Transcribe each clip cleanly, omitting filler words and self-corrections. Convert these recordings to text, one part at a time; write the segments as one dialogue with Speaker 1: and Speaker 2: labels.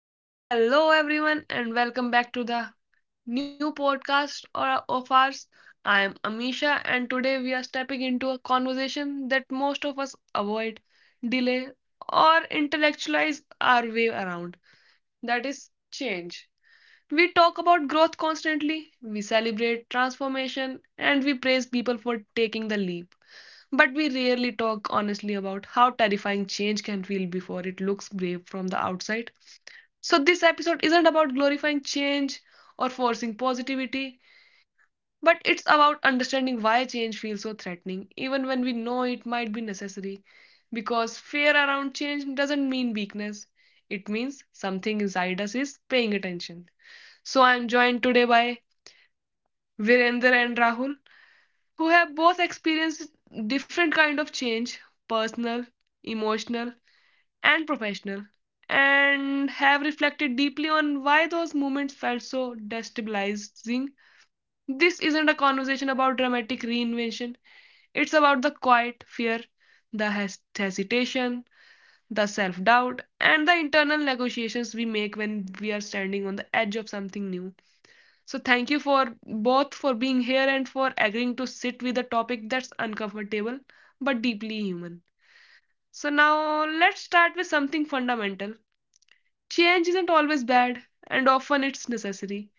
Speaker 1: Well, hello everyone, and welcome back to the new podcast of ours. I am Amisha, and today we are stepping into a conversation that most of us avoid, delay, or intellectualize our way around. That is change. We talk about growth constantly, we celebrate transformation, and we praise people for taking the leap. But we rarely talk honestly about how terrifying change can feel before it looks brave from the outside. So, this episode isn't about glorifying change or forcing positivity, but it's about understanding why change feels so threatening, even when we know it might be necessary. Because fear around change doesn't mean weakness, it means something inside us is paying attention. So, I'm joined today by Virender and Rahul, who have both experienced different kind of change personal, emotional, and professional, and have reflected deeply on why those moments felt so destabilizing. This isn't a conversation about dramatic reinvention, it's about the quiet fear, the hesitation, the self doubt, and the internal negotiations we make when we are standing on the edge of something new. So, thank you for both for being here and for agreeing to sit with a topic that's uncomfortable but deeply human. So, now let's start with something fundamental. Change isn't always bad, and often it's necessary.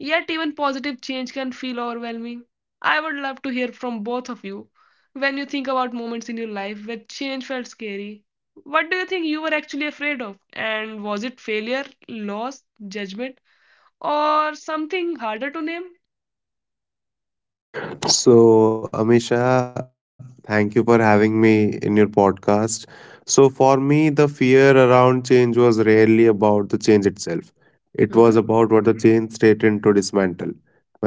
Speaker 1: Yet, even positive change can feel overwhelming. I would love to hear from both of you when you think about moments in your life where change felt scary. What do you think you were actually afraid of? And was it failure, loss, judgment, or something harder to name?
Speaker 2: So, Amisha, thank you for having me in your podcast. So, for me, the fear around change was rarely about the change itself. It was
Speaker 1: Mm-hmm,
Speaker 2: about what the change threatened to dismantle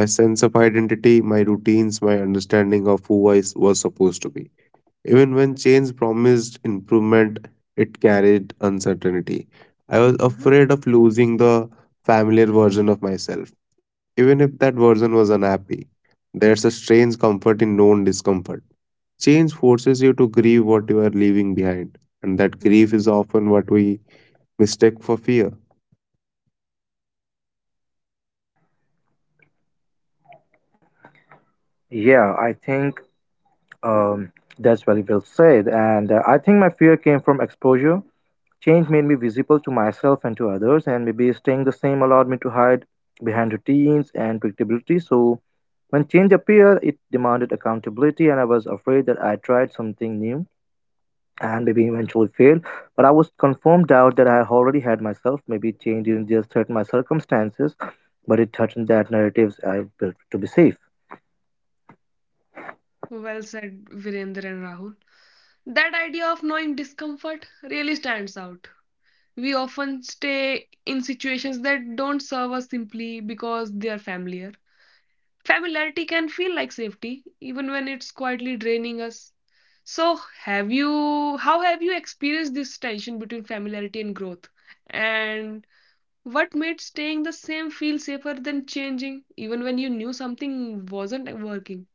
Speaker 2: my sense of identity, my routines, my understanding of who I s- was supposed to be. Even when change promised improvement, it carried uncertainty. I was
Speaker 1: mm-hmm,
Speaker 2: afraid of losing the familiar version of myself, even if that version was unhappy. There's a strange comfort in known discomfort. Change forces you to grieve what you are leaving behind, and that grief
Speaker 1: mm-hmm.
Speaker 2: is often what we mistake for fear.
Speaker 3: Yeah, I think um, that's very well said. And I think my fear came from exposure. Change made me visible to myself and to others, and maybe staying the same allowed me to hide behind routines and predictability. So when change appeared, it demanded accountability, and I was afraid that I tried something new and maybe eventually failed. But I was confirmed out that I already had myself. Maybe change didn't just threaten my circumstances, but it threatened that narratives I built to be safe.
Speaker 1: Well said, Virendra and Rahul. That idea of knowing discomfort really stands out. We often stay in situations that don't serve us simply because they are familiar. Familiarity can feel like safety, even when it's quietly draining us. So, have you, how have you experienced this tension between familiarity and growth? And what made staying the same feel safer than changing, even when you knew something wasn't working?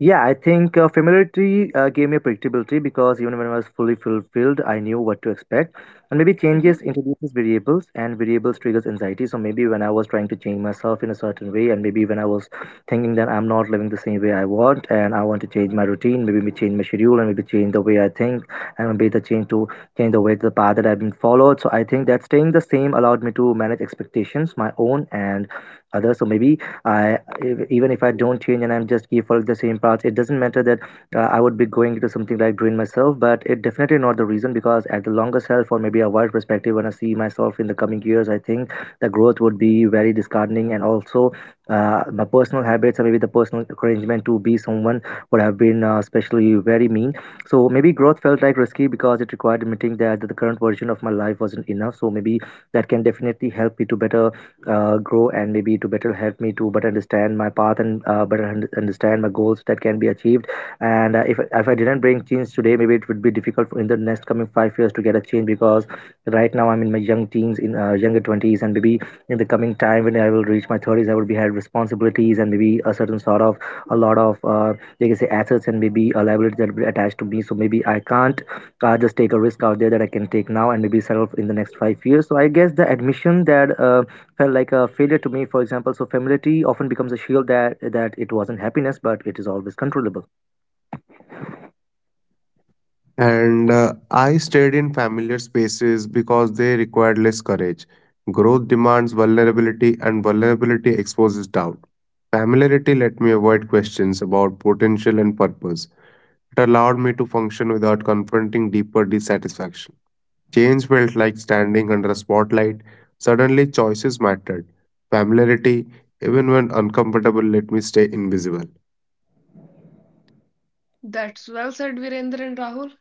Speaker 3: Yeah, I think familiarity gave me a predictability because even when I was fully fulfilled, I knew what to expect. And maybe changes
Speaker 1: Mhm.
Speaker 3: introduces variables, and variables triggers anxiety. So maybe when I was trying to change myself in a certain way, and maybe when I was thinking that I'm not living the same way I want, and I want to change my routine, maybe me change my schedule, and maybe change the way I think, and maybe the change to change the way the path that I've been followed. So I think that staying the same allowed me to manage expectations, my own and others. So maybe I even if I don't change and I'm just keep following the same paths, it doesn't matter that I would be going into something like drain myself, but it definitely not the reason because at the longer self or maybe a wide perspective, when I see myself in the coming years, I think the growth would be very disheartening and also my personal habits or maybe the personal arrangement to be someone would have been especially very mean. So maybe growth felt like risky because it required admitting that the current version of my life wasn't enough. So maybe that can definitely help me to better grow and maybe to better help me to better understand my path and better understand my goals that can be achieved and if I didn't bring change today maybe it would be difficult in the next coming 5 years to get a change because right now I'm in my young teens in younger 20s and maybe in the coming time when I will reach my 30s I will be had responsibilities and maybe a certain sort of a lot of like I say assets and maybe a liability that will be attached to me so maybe I can't just take a risk out there that I can take now and maybe settle in the next 5 years so I guess the admission that felt like a failure to me, for example. So familiarity often becomes a shield that it wasn't happiness, but it is always controllable.
Speaker 2: And I stayed in familiar spaces because they required less courage. Growth demands vulnerability, and vulnerability exposes doubt. Familiarity let me avoid questions about potential and purpose. It allowed me to function without confronting deeper dissatisfaction. Change felt like standing under a spotlight. Suddenly, choices mattered. Familiarity, even when uncomfortable, let me stay invisible.
Speaker 1: That's well said, Virendra and Rahul.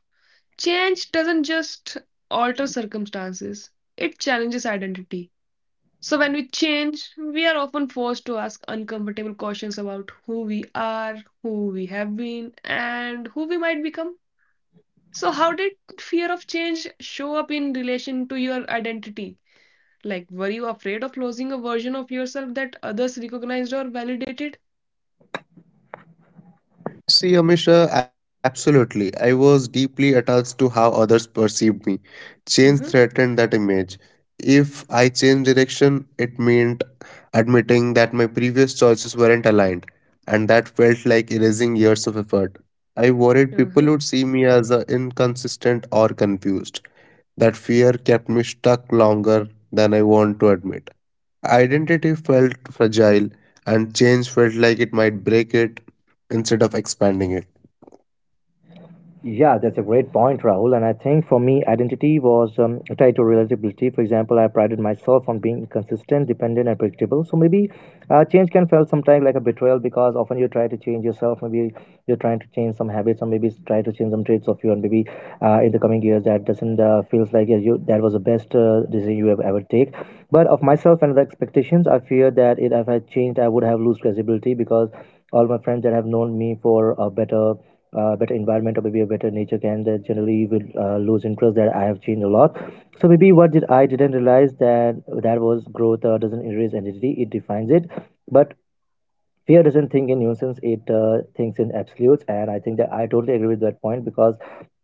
Speaker 1: Change doesn't just alter circumstances, it challenges identity. So, when we change, we are often forced to ask uncomfortable questions about who we are, who we have been, and who we might become. So, how did fear of change show up in relation to your identity? Like, were you afraid of losing a version of yourself that others recognized or validated?
Speaker 2: See, Amisha, absolutely. I was deeply attached to how others perceived me. Change
Speaker 1: Mm-hmm,
Speaker 2: threatened that image. If I changed direction, it meant admitting that my previous choices weren't aligned, and that felt like erasing years of effort. I worried people
Speaker 1: mm-hmm.
Speaker 2: would see me as inconsistent or confused. That fear kept me stuck longer than I want to admit. Identity felt fragile, and change felt like it might break it instead of expanding it.
Speaker 3: Yeah, that's a great point, Rahul. And I think for me, identity was tied to relatability. For example, I prided myself on being consistent, dependent, and predictable. So maybe change can feel sometimes like a betrayal because often you try to change yourself. Maybe you're trying to change some habits, or maybe try to change some traits of you. And maybe in the coming years, that doesn't feels like yeah, you that was the best decision you have ever take. But of myself and the expectations, I fear that it, if I changed, I would have lose credibility because all my friends that have known me for a better environment or maybe a better nature can that generally you will lose interest that I have changed a lot so maybe what did I didn't realize that was growth doesn't erase identity, it defines it. But fear doesn't think in nuisance, it thinks in absolutes, and I think that I totally agree with that point because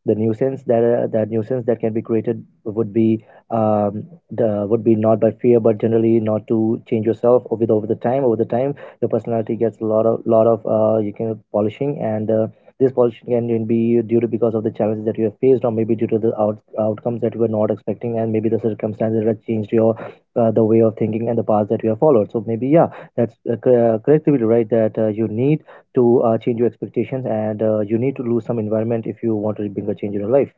Speaker 3: the nuisance that nuisance that can be created would be um, would be not by fear but generally not to change yourself over the time over the time. Your personality gets a lot of you can polishing and this polishing can be due to because of the challenges that you have faced or maybe due to the outcomes that you were not expecting and maybe the circumstances that changed your the way of thinking and the path that you have followed. So maybe yeah, that's correct, right? That you need to change your expectations and you need to lose some environment if you want to bring a change in your life.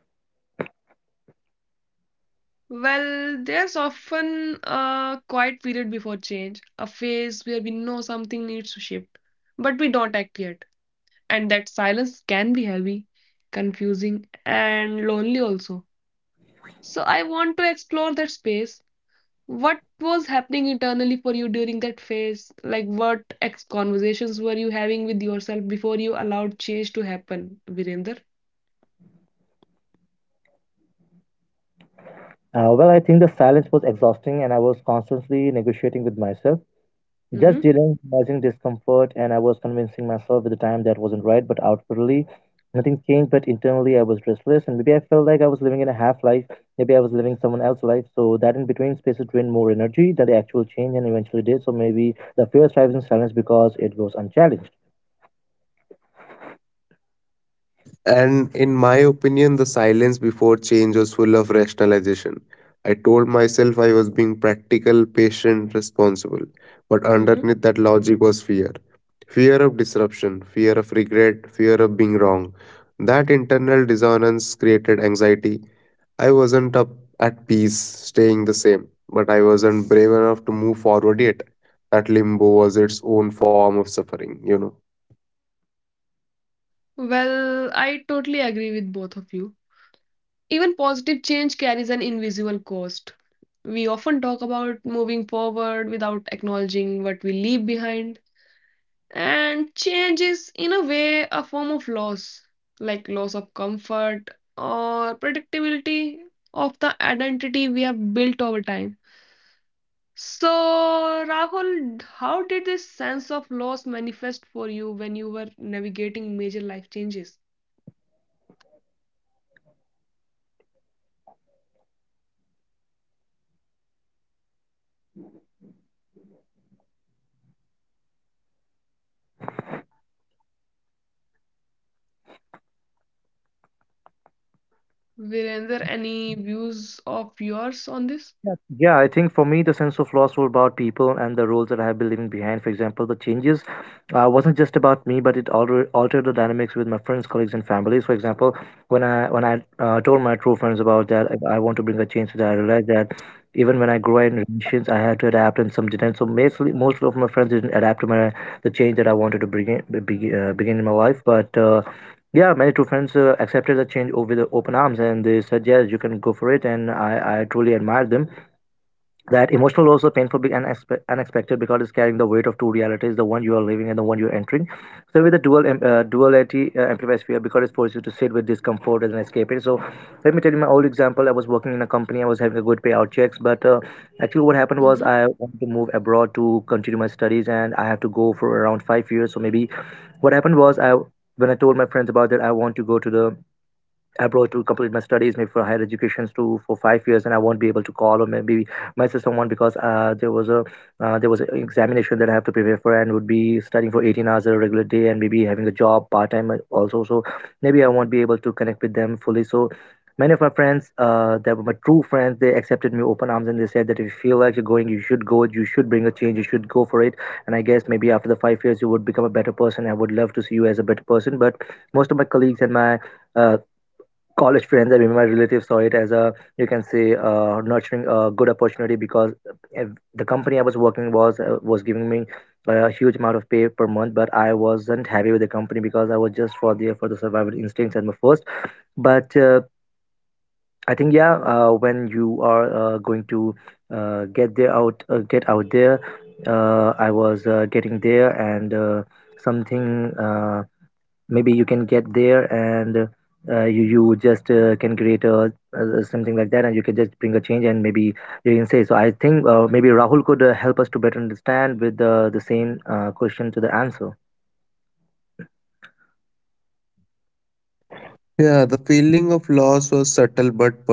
Speaker 1: Well, there's often a quiet period before change, a phase where we know something needs to shift, but we don't act yet. And that silence can be heavy, confusing, and lonely also. So, I want to explore that space. What was happening internally for you during that phase? Like, what conversations were you having with yourself before you allowed change to happen, Virender?
Speaker 3: Well, I think the silence was exhausting and I was constantly negotiating with myself, just
Speaker 1: Mm-hmm,
Speaker 3: dealing causing discomfort, and I was convincing myself at the time that wasn't right, but outwardly nothing changed. But internally, I was restless and maybe I felt like I was living in a half life, maybe I was living someone else's life. So, that in between spaces drained more energy than the actual change and eventually did. So, maybe the fear thrives in silence because it goes unchallenged.
Speaker 2: And in my opinion, the silence before change was full of rationalization. I told myself I was being practical, patient, responsible. But
Speaker 1: mm-hmm.
Speaker 2: underneath that logic was fear of disruption, fear of regret, fear of being wrong. That internal dissonance created anxiety. I wasn't up at peace staying the same, but I wasn't brave enough to move forward yet. That limbo was its own form of suffering, you know.
Speaker 1: Well, I totally agree with both of you. Even positive change carries an invisible cost. We often talk about moving forward without acknowledging what we leave behind. And change is, in a way, a form of loss, like loss of comfort or predictability of the identity we have built over time. So, Rahul, how did this sense of loss manifest for you when you were navigating major life changes?
Speaker 2: So the feeling of loss was subtle but persistent. Even when the change was exciting, I grieved what I was leaving. Old routines, old relationships, familiar spaces. They all carried a sense of identity and security. Change forced me
Speaker 1: Were
Speaker 2: to
Speaker 1: there
Speaker 2: confront that
Speaker 1: any
Speaker 2: even
Speaker 1: views
Speaker 2: good.
Speaker 1: of yours on this?
Speaker 3: Yeah, yeah, I think for me, the sense of loss were about people and the roles that I have been leaving behind. For example, the changes wasn't just about me, but it altered the dynamics with my friends, colleagues, and families. For example, when I told my true friends about that, I want to bring a change to that. I realized that even when I grew in relations, I had to adapt, and some didn't. So mostly, most of my friends didn't adapt to my the change that I wanted to begin in my life, but. Yeah, many true friends accepted the change over the open arms, and they said, "Yes, you can go for it." And I truly admired them. That emotional loss is painful and unexpected because it's carrying the weight of two realities, the one you are living and the one you're entering. So with the duality amplifies fear because it forces you to sit with discomfort and escape it. So let me tell you my old example. I was working in a company, I was having a good payout checks, but actually what happened was
Speaker 1: Hmm.
Speaker 3: I wanted to move abroad to continue my studies and I have to go for around 5 years. So maybe what happened was I when I told my friends about that I want to go to the abroad to complete my studies maybe for higher educations to for 5 years and I won't be able to call or maybe message someone because there was an examination that I have to prepare for and would be studying for 18 hours a regular day and maybe having a job part-time also. So maybe I won't be able to connect with them fully. So many of my friends that were my true friends they accepted me open arms and they said that if you feel like you're going you should go, you should bring a change, you should go for it. And I guess maybe after the 5 years you would become a better person, I would love to see you as a better person. But most of my colleagues and my uh, college friends and even my relatives saw it as a you can say nurturing a good opportunity. Because if the company I was working was giving me a huge amount of pay per month, but I wasn't happy with the company because I was just for the survival instincts and my first, but I think yeah when you are going to get out there I was getting there and something maybe you can get there and you you just can create something like that and you can just bring a change and maybe you can say. So I think maybe Rahul could help us to better understand with the same question to the answer.
Speaker 2: Yeah, the feeling of loss was subtle but persistent.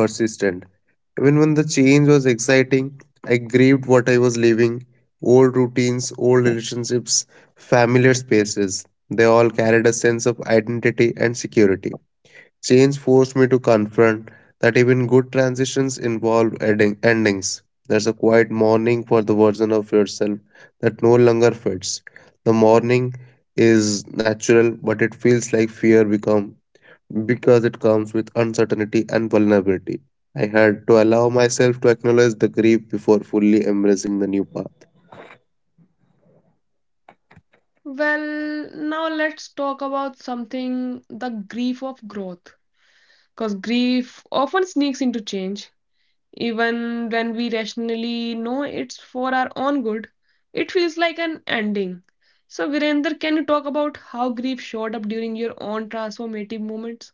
Speaker 2: Even when the change was exciting, I grieved what I was leaving old routines, old relationships, familiar spaces. They all carried a sense of identity and security. Change forced me to confront that even good transitions involve endings. There's a quiet mourning for the version of yourself that no longer fits. The mourning is natural, but it feels like fear become because it comes with uncertainty and vulnerability. I had to allow myself to acknowledge the grief before fully embracing the new path.
Speaker 1: Well, now let's talk about something the grief of growth, because grief often sneaks into change. Even when we rationally know it's for our own good, it feels like an ending. So, Virender, can you talk about how grief showed up during your own transformative moments?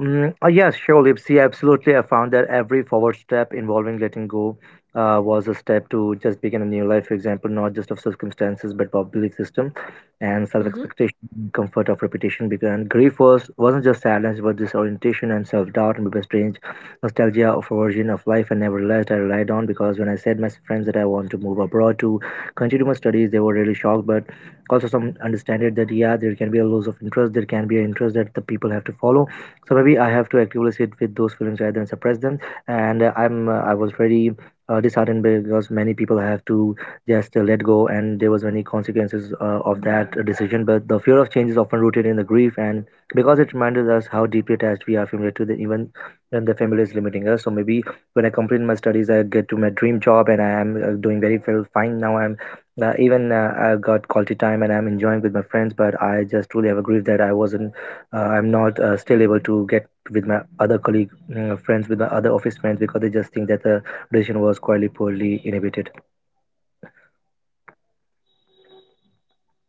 Speaker 3: Mm, yes, surely. See, absolutely. I found that every forward step involving letting go was a step to just begin a new life, for example, not just of circumstances, but of belief system and self
Speaker 1: Hmm.
Speaker 3: expectation, comfort of repetition. Because wasn't just sadness, but disorientation and self doubt and maybe strange nostalgia of a version of life I never realized I relied on. Because when I said my friends that I want to move abroad to continue my studies, they were really shocked, but also some understand it that, yeah, there can be a loss of interest, there can be an interest that the people have to follow. So maybe I have to actively sit with those feelings rather than suppress them. And I'm I was very disheartened because many people have to just let go, and there was many consequences of that decision. But the fear of change is often rooted in the grief, and because it reminds us how deeply attached we are familiar to the even when the family is limiting us. So maybe when I complete my studies, I get to my dream job, and I am doing very well, fine now. I got quality time and I'm enjoying with my friends, but I just truly have a grief that I'm not still able to get with my other office friends because they just think that the decision was quite poorly inhibited.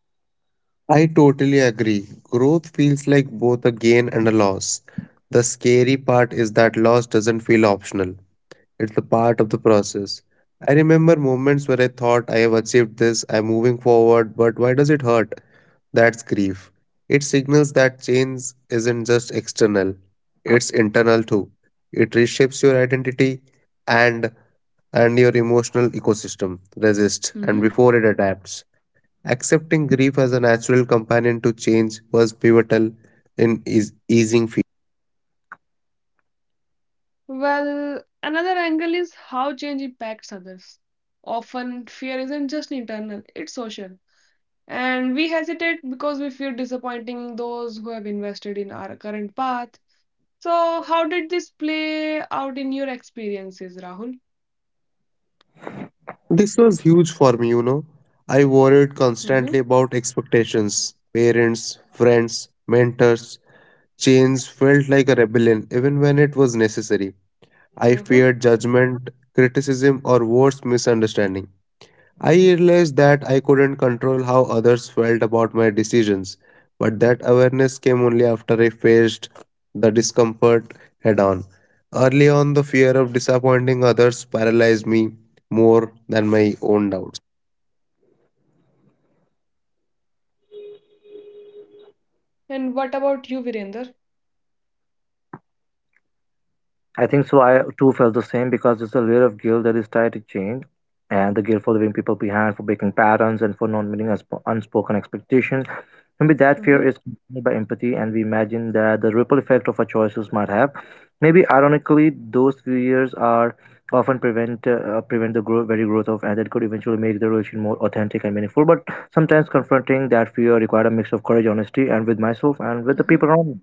Speaker 2: I totally agree. Growth feels like both a gain and a loss. The scary part is that loss doesn't feel optional, it's a part of the process. I remember moments where I thought I have achieved this, I'm moving forward, but why does it hurt? That's grief. It signals that change isn't just external, it's internal too. It reshapes your identity and and your emotional ecosystem. Resist and
Speaker 1: Hmm.
Speaker 2: before it adapts. Accepting grief as a natural companion to change was pivotal in easing fear.
Speaker 1: Well, another angle is how change impacts others. Often, fear isn't just internal, it's social. And we hesitate because we fear disappointing those who have invested in our current path. So, how did this play out in your experiences, Rahul?
Speaker 2: This was huge for me, you know. I worried constantly
Speaker 1: Mm-hmm.
Speaker 2: about expectations, parents, friends, mentors. Change felt like a rebellion even when it was necessary. I feared judgment, criticism, or worse, misunderstanding. I realized that I couldn't control how others felt about my decisions, but that awareness came only after I faced the discomfort head on. Early on, the fear of disappointing others paralyzed me more than my own doubts.
Speaker 1: And what about you, Virender?
Speaker 3: I think so. I too felt the same because there's a layer of guilt that is tied to change, and the guilt for leaving people behind, for breaking patterns, and for not meeting unspoken expectations. Maybe that fear
Speaker 1: Mm-hmm,
Speaker 3: is accompanied by empathy, and we imagine that the ripple effect of our choices might have. Maybe ironically, those fears are often prevent prevent the very growth of, and that could eventually make the relation more authentic and meaningful. But sometimes confronting that fear required a mix of courage, honesty, and with myself and with the
Speaker 1: mm-hmm.
Speaker 3: people around me.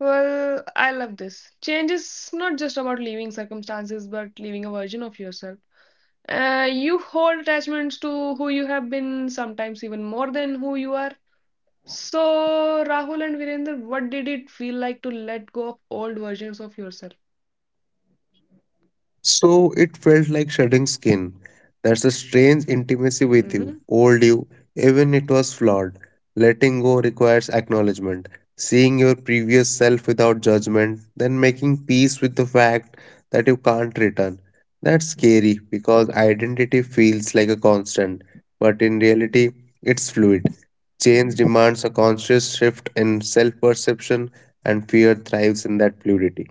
Speaker 1: Well, I love this. Change is not just about leaving circumstances, but leaving a version of yourself. You hold attachments to who you have been, sometimes even more than who you are. So, Rahul and Virender, what did it feel like to let go of old versions of yourself?
Speaker 2: So it felt like shedding skin. There's a strange intimacy
Speaker 1: Mm-hmm,
Speaker 2: with you, old you, even it was flawed. Letting go requires acknowledgement, seeing your previous self without judgment, then making peace with the fact that you can't return. That's scary because identity feels like a constant, but in reality, it's fluid. Change demands a conscious shift in self perception, and fear thrives in that fluidity.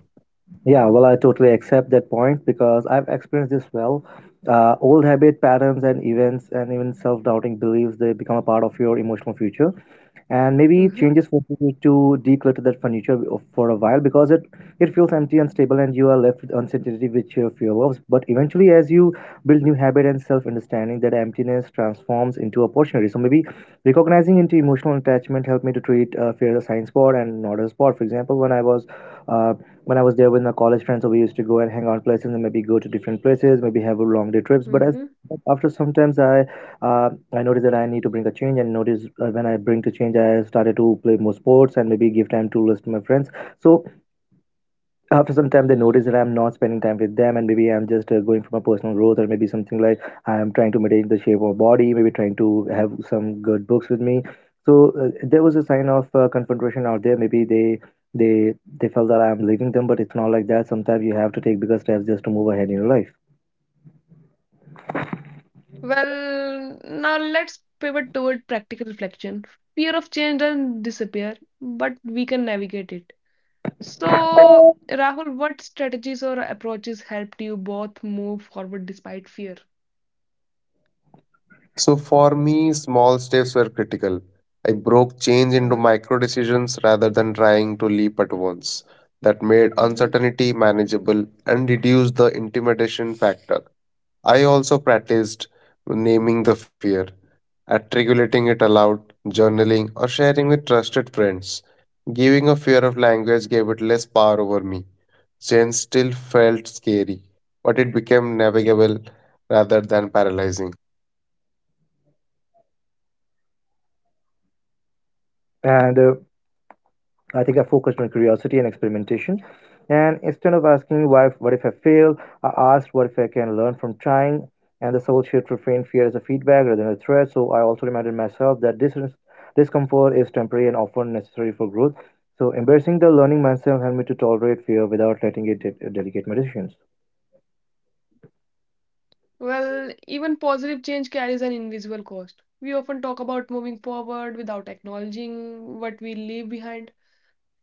Speaker 3: Yeah, well, I totally accept that point because I've experienced this well. Old habit patterns and events and even self-doubting beliefs they become a part of your emotional future. And maybe
Speaker 1: mm-hmm,
Speaker 3: changes forces you to declutter that furniture for a while because it feels empty unstable and you are left with uncertainty which you fear loves but eventually as you build new habit and self-understanding that emptiness transforms into opportunity. So maybe recognizing into emotional attachment helped me to treat fear as a sign spot and not a spot. For example, uh, when I was there with my college friends, so we used to go and hang out places and maybe go to different places maybe have a long day trips. but
Speaker 1: mm-hmm.
Speaker 3: as but after sometimes uh, I noticed that I need to bring a change, and notice when I bring to change, I started to play more sports and maybe give time to listen to my friends. So after some time, they notice that I'm not spending time with them, and maybe I'm just going for my personal growth, or maybe something like I'm trying to maintain the shape of my body, maybe trying to have some good books with me. So there was a sign of confrontation out there. Maybe they they felt that I'm leaving them, but it's not like that. Sometimes you have to take bigger steps just to move ahead in your life,
Speaker 1: Well, now let's pivot toward practical reflection. Fear of change doesn't disappear, but we can navigate it. So, Rahul, what strategies or approaches helped you both move forward despite fear?
Speaker 2: So for me, small steps were critical. I broke change into
Speaker 1: Uh-huh,
Speaker 2: micro decisions rather than trying to leap at once. That made
Speaker 1: uh-huh.
Speaker 2: uncertainty manageable and reduced the intimidation factor. I also practiced naming the fear, articulating it aloud, journaling, or sharing with trusted friends. Giving a fear of language gave it less power over me. Change still felt scary, but it became navigable rather than paralyzing.
Speaker 3: and. I think I focused on curiosity and experimentation. And instead of asking why, what if I fail, I asked what if I can learn from trying. And the soul shift reframed fear as a feedback rather than a threat. So I also reminded myself that this discomfort is temporary and often necessary for growth. So embracing the learning mindset helped me to tolerate fear without letting it delegate my decisions.
Speaker 1: Well, even positive change carries an invisible cost. We often talk about moving forward without acknowledging what we leave behind.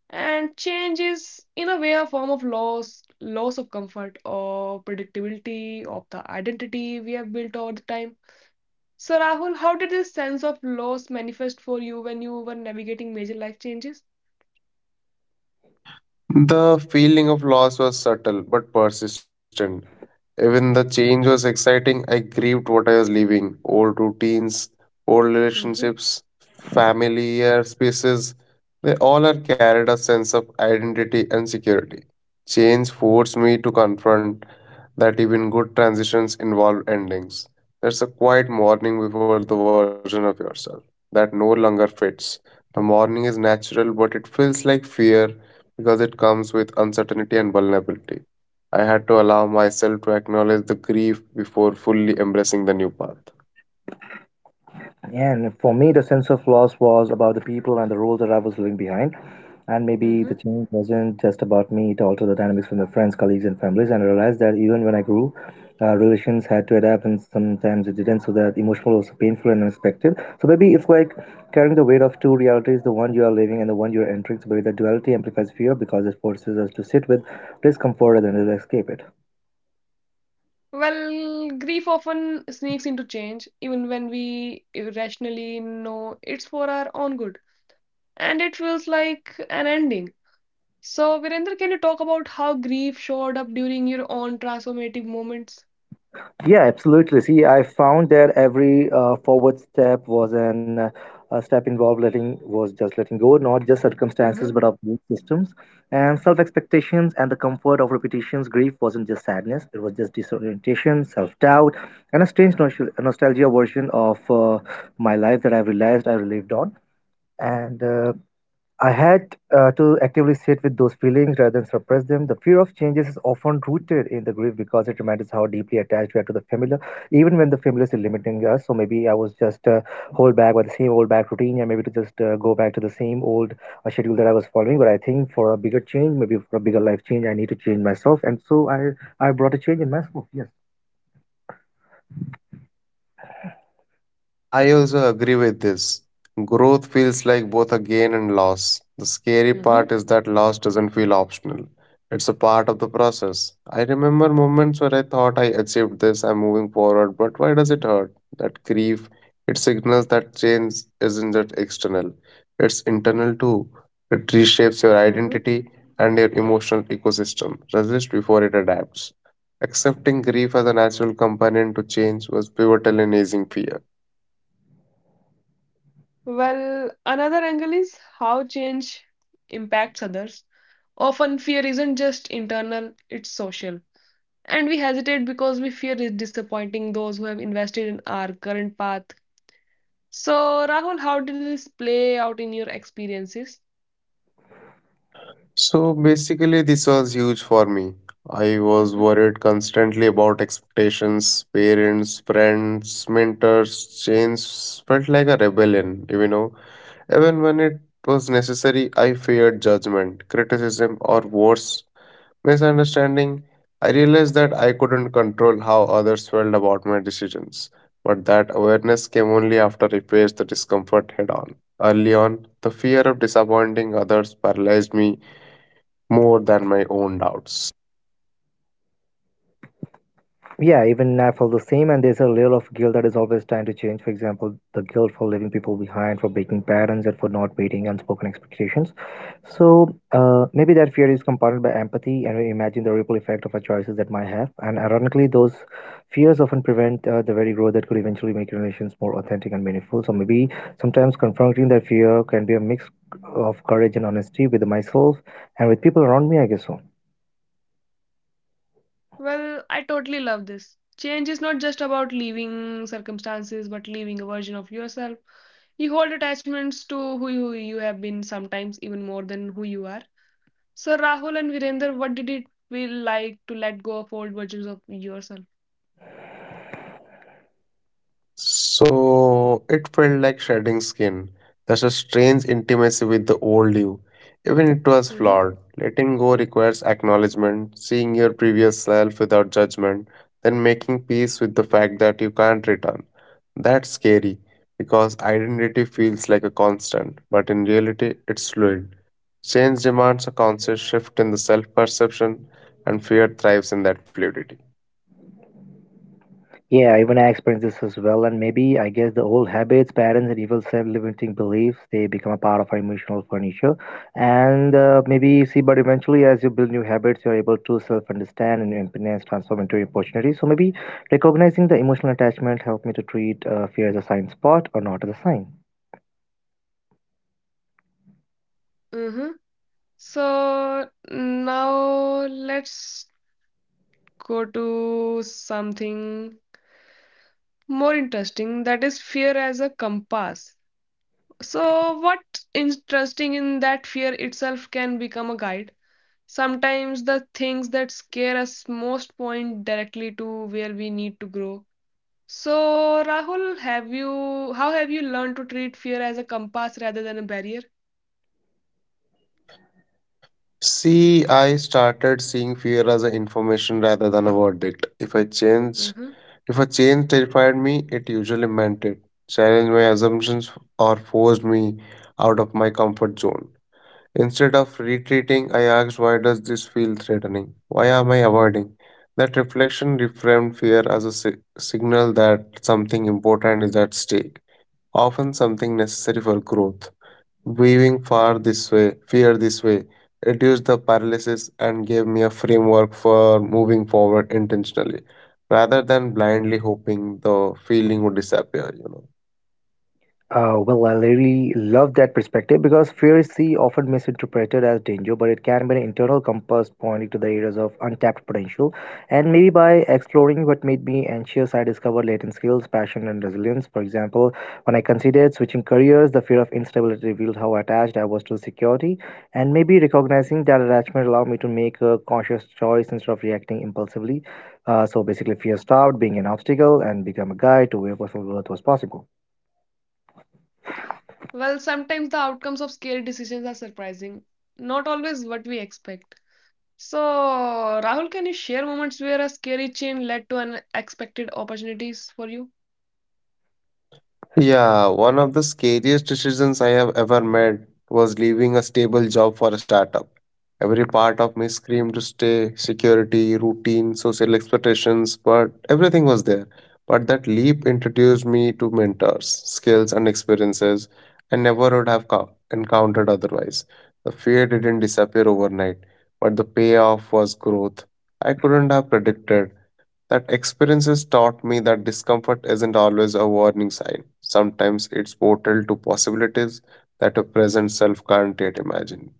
Speaker 1: And change is, in a way, a form of loss, loss of comfort or predictability of the identity we have built over the time. So, Rahul, how did this sense of loss manifest for you when you were navigating major life changes?
Speaker 2: The feeling of loss was subtle but persistent. Even the change was exciting, I grieved what I was leaving old routines, old
Speaker 1: Mm-hmm.
Speaker 2: relationships, familiar spaces. They all are carried a sense of identity and security. Change forced me to confront that even good transitions involve endings. There's a quiet mourning before the version of yourself that no longer fits. The mourning is natural, but it feels like fear because it comes with uncertainty and vulnerability. I had to allow myself to acknowledge the grief before fully embracing the new path.
Speaker 3: And for me, the sense of loss was about the people and the role that I was leaving behind. And maybe the change wasn't just about me, it altered the dynamics with my friends, colleagues, and families. And I realized that even when I grew, relations had to adapt and sometimes it didn't. So that emotional was painful and unexpected. So maybe it's like carrying the weight of two realities, the one you are living and the one you are entering. So maybe the duality amplifies fear because it forces us to sit with discomfort and then escape it.
Speaker 1: Well, grief often sneaks into change, even when we rationally know it's for our own good, and it feels like an ending. So, Virendra, can you talk about how grief showed up during your own transformative moments?
Speaker 3: Yeah, absolutely. See, I found that every forward step was an a step involved letting was just letting go, not just circumstances,
Speaker 1: Mm-hmm,
Speaker 3: but of belief systems and self expectations and the comfort of repetitions. Grief wasn't just sadness; it was just disorientation, self doubt, and a strange nostalgia version of my life that I've realized I lived on. And I had to actively sit with those feelings rather than suppress them. The fear of changes is often rooted in the grief because it reminds us how deeply attached we are to the familiar, even when the familiar is limiting us. So maybe I was just hold back by the same old back routine, and maybe to just go back to the same old schedule that I was following. But I think for a bigger change, maybe for a bigger life change, I need to change myself, and so I brought a change in myself. Yes.
Speaker 2: I also agree with this. Growth feels like both a gain and loss. The scary
Speaker 1: mm-hmm,
Speaker 2: part is that loss doesn't feel optional. It's a part of the process. I remember moments where I thought I achieved this, I'm moving forward, but why does it hurt? That grief, it signals that change isn't just external, it's internal too. It reshapes your
Speaker 1: mm-hmm.
Speaker 2: identity and your emotional ecosystem. Resist before it adapts. Accepting grief as a natural companion to change was pivotal in easing fear.
Speaker 1: Well, another angle is how change impacts others. Often, fear isn't just internal, it's social. And we hesitate because we fear is disappointing those who have invested in our current path. So, Rahul, how did this play out in your experiences?
Speaker 2: So basically, this was huge for me. I was
Speaker 1: Hmm.
Speaker 2: worried constantly about expectations, parents, friends, mentors, change felt like a rebellion, you know. Even when it was necessary, I feared judgment, criticism, or worse, misunderstanding. I realized that I couldn't control how others felt about my decisions, but that awareness came only after I faced the discomfort head on. Early on, the fear of disappointing others paralyzed me more than my own doubts.
Speaker 3: Yeah, even I felt the same, and there's a layer of guilt that is always trying to change. For example, the guilt for leaving people behind, for breaking patterns, and for not meeting unspoken expectations. So maybe that fear is compounded by empathy, and we imagine the ripple effect of our choices that might have. And ironically, those fears often prevent the very growth that could eventually make relations more authentic and meaningful. So maybe sometimes confronting that fear can be a mix of courage and honesty with myself and with people around me. I guess so.
Speaker 1: Well, I totally love this. Change is not just about leaving circumstances, but leaving a version of yourself. You hold attachments to who you have been, sometimes even more than who you are. So, Rahul and Virender, what did it feel like to let go of old versions of yourself?
Speaker 2: So it felt like shedding skin. There's a strange intimacy with the old you, even it was
Speaker 1: Hmm.
Speaker 2: flawed. Letting go requires acknowledgement, seeing your previous self without judgment, then making peace with the fact that you can't return. That's scary because identity feels like a constant, but in reality, it's fluid. Change demands a conscious shift in the self perception, and fear thrives in that fluidity.
Speaker 3: Yeah, even I experienced this as well, and maybe I guess the old habits, patterns, and even self-limiting beliefs they become a part of our emotional furniture. And Maybe see, but eventually, as you build new habits, you're able to self-understand and impotence transform into opportunities. So maybe recognizing the emotional attachment helped me to treat fear as a sign spot or not as a sign.
Speaker 1: Mm-hmm. So now let's go to something more interesting, that is fear as a compass. So, what's interesting in that fear itself can become a guide. Sometimes the things that scare us most point directly to where we need to grow. So, Rahul, have you how have you learned to treat fear as a compass rather than a barrier?
Speaker 2: See, I started seeing fear as an information rather than a verdict. If I change,
Speaker 1: Mhm.
Speaker 2: if a change terrified me, it usually meant it challenged my assumptions or forced me out of my comfort zone. Instead of retreating, I asked, "Why does this feel threatening? Why am I avoiding?" That reflection reframed fear as a signal that something important is at stake, often something necessary for growth. Weaving far this way, fear this way, reduced the paralysis and gave me a framework for moving forward intentionally, rather than blindly hoping the feeling would disappear. You know.
Speaker 3: Well, I really love that perspective because fear is see often misinterpreted as danger, but it can be an internal compass pointing to the areas of untapped potential. And maybe by exploring what made me anxious, I discovered latent skills, passion, and resilience. For example, when I considered switching careers, the fear of instability revealed how attached I was to security, and maybe recognizing that attachment allowed me to make a conscious choice instead of reacting impulsively. So basically, fear stopped being an obstacle and became a guide to where personal growth was possible.
Speaker 1: Well, sometimes the outcomes of scary decisions are surprising, not always what we expect. So, Rahul, can you share moments where a scary change led to unexpected opportunities for you?
Speaker 2: Yeah, one of the scariest decisions I have ever made was leaving a stable job for a startup. Every part of me screamed to stay, security, routine, social expectations, but everything was there. But that leap introduced me to mentors, skills, and experiences I never would have encountered otherwise. The fear didn't disappear overnight, but the payoff was growth I couldn't have predicted. That experiences taught me that discomfort isn't always a warning sign. Sometimes it's portal to possibilities that a present self can't yet imagine.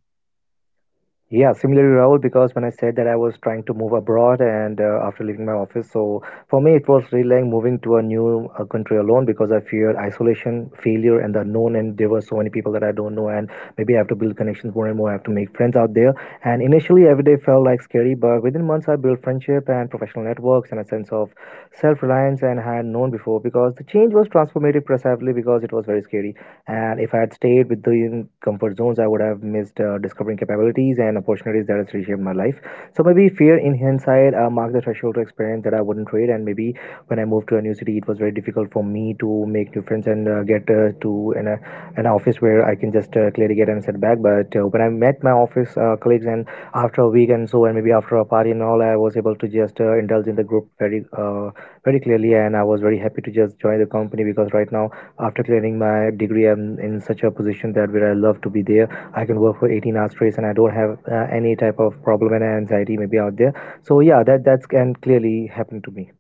Speaker 3: Yeah, similarly, Rahul, because when I said that I was trying to move abroad and after leaving my office, so for me it was really like moving to a new country alone because I feared isolation, failure, and the unknown. And there were so many people that I don't know, and maybe I have to build connections more and more. I have to make friends out there. And initially, every day felt like scary, but within months, I built friendship and professional networks and a sense of self reliance and had known before because the change was transformative, precisely because it was very scary. And if I had stayed with the comfort zones, I would have missed discovering capabilities and opportunities that has reshaped my life. So maybe fear in hindsight marked the threshold to experience that I wouldn't trade. And maybe when I moved to a new city, it was very difficult for me to make new friends and an office where I can just clearly get and set back. But when I met my office colleagues and after a week and so, and maybe after a party and all, I was able to just indulge in the group very clearly. And I was very happy to just join the company because right now after clearing my degree I'm in such a position that where I love to be there. I can work for 18 hours straight and I don't have any type of problem and anxiety maybe out there. So yeah, that's can clearly happen to me.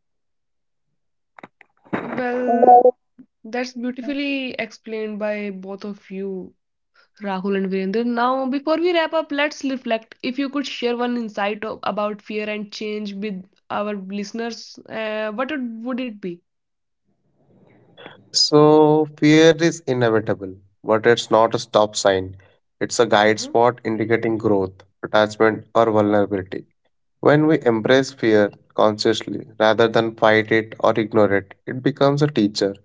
Speaker 1: Well, that's beautifully explained by both of you, Rahul and Virender. Now, before we wrap up, let's reflect. If you could share one insight about fear and change with our listeners, what would it be?
Speaker 2: So, fear is inevitable, but it's not a stop sign. It's a guide
Speaker 1: Mhm.
Speaker 2: spot indicating growth, attachment, or vulnerability. When we embrace fear consciously rather than fight it or ignore it, it becomes a teacher.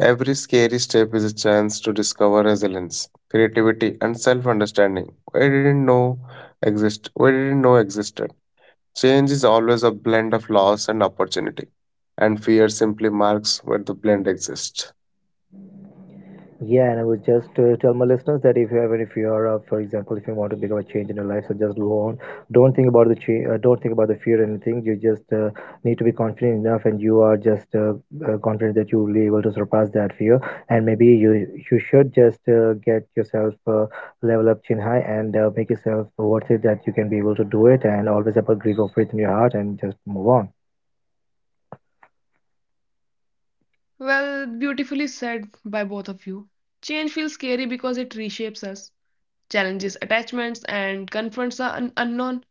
Speaker 2: Every scary step is a chance to discover resilience, creativity, and self understanding. We didn't know existed. Change is always a blend of loss and opportunity, and fear simply marks where the blend exists.
Speaker 3: Yeah, and I would just tell my listeners that if you ever, if you are, for example, if you want to become a change in your life, so just go on. Don't think about the don't think about the fear or anything. You just need to be confident enough, and you are just confident that you will be able to surpass that fear. And maybe you should just get yourself level up chin high and make yourself worth it that you can be able to do it, and always have a grip of faith in your heart and just move on.
Speaker 1: Well, beautifully said by both of you. Change feels scary because it reshapes us, challenges attachments, and confronts the unknown.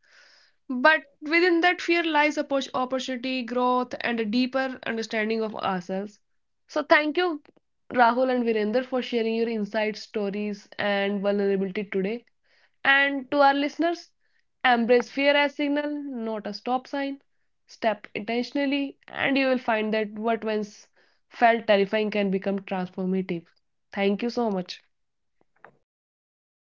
Speaker 1: But within that fear lies opportunity, growth, and a deeper understanding of ourselves. So, thank you, Rahul and Virender, for sharing your insights, stories, and vulnerability today. And to our listeners, embrace fear as signal, not a stop sign. Step intentionally, and you will find that what once felt terrifying can become transformative. Thank you so much.
Speaker 3: Thank you so much,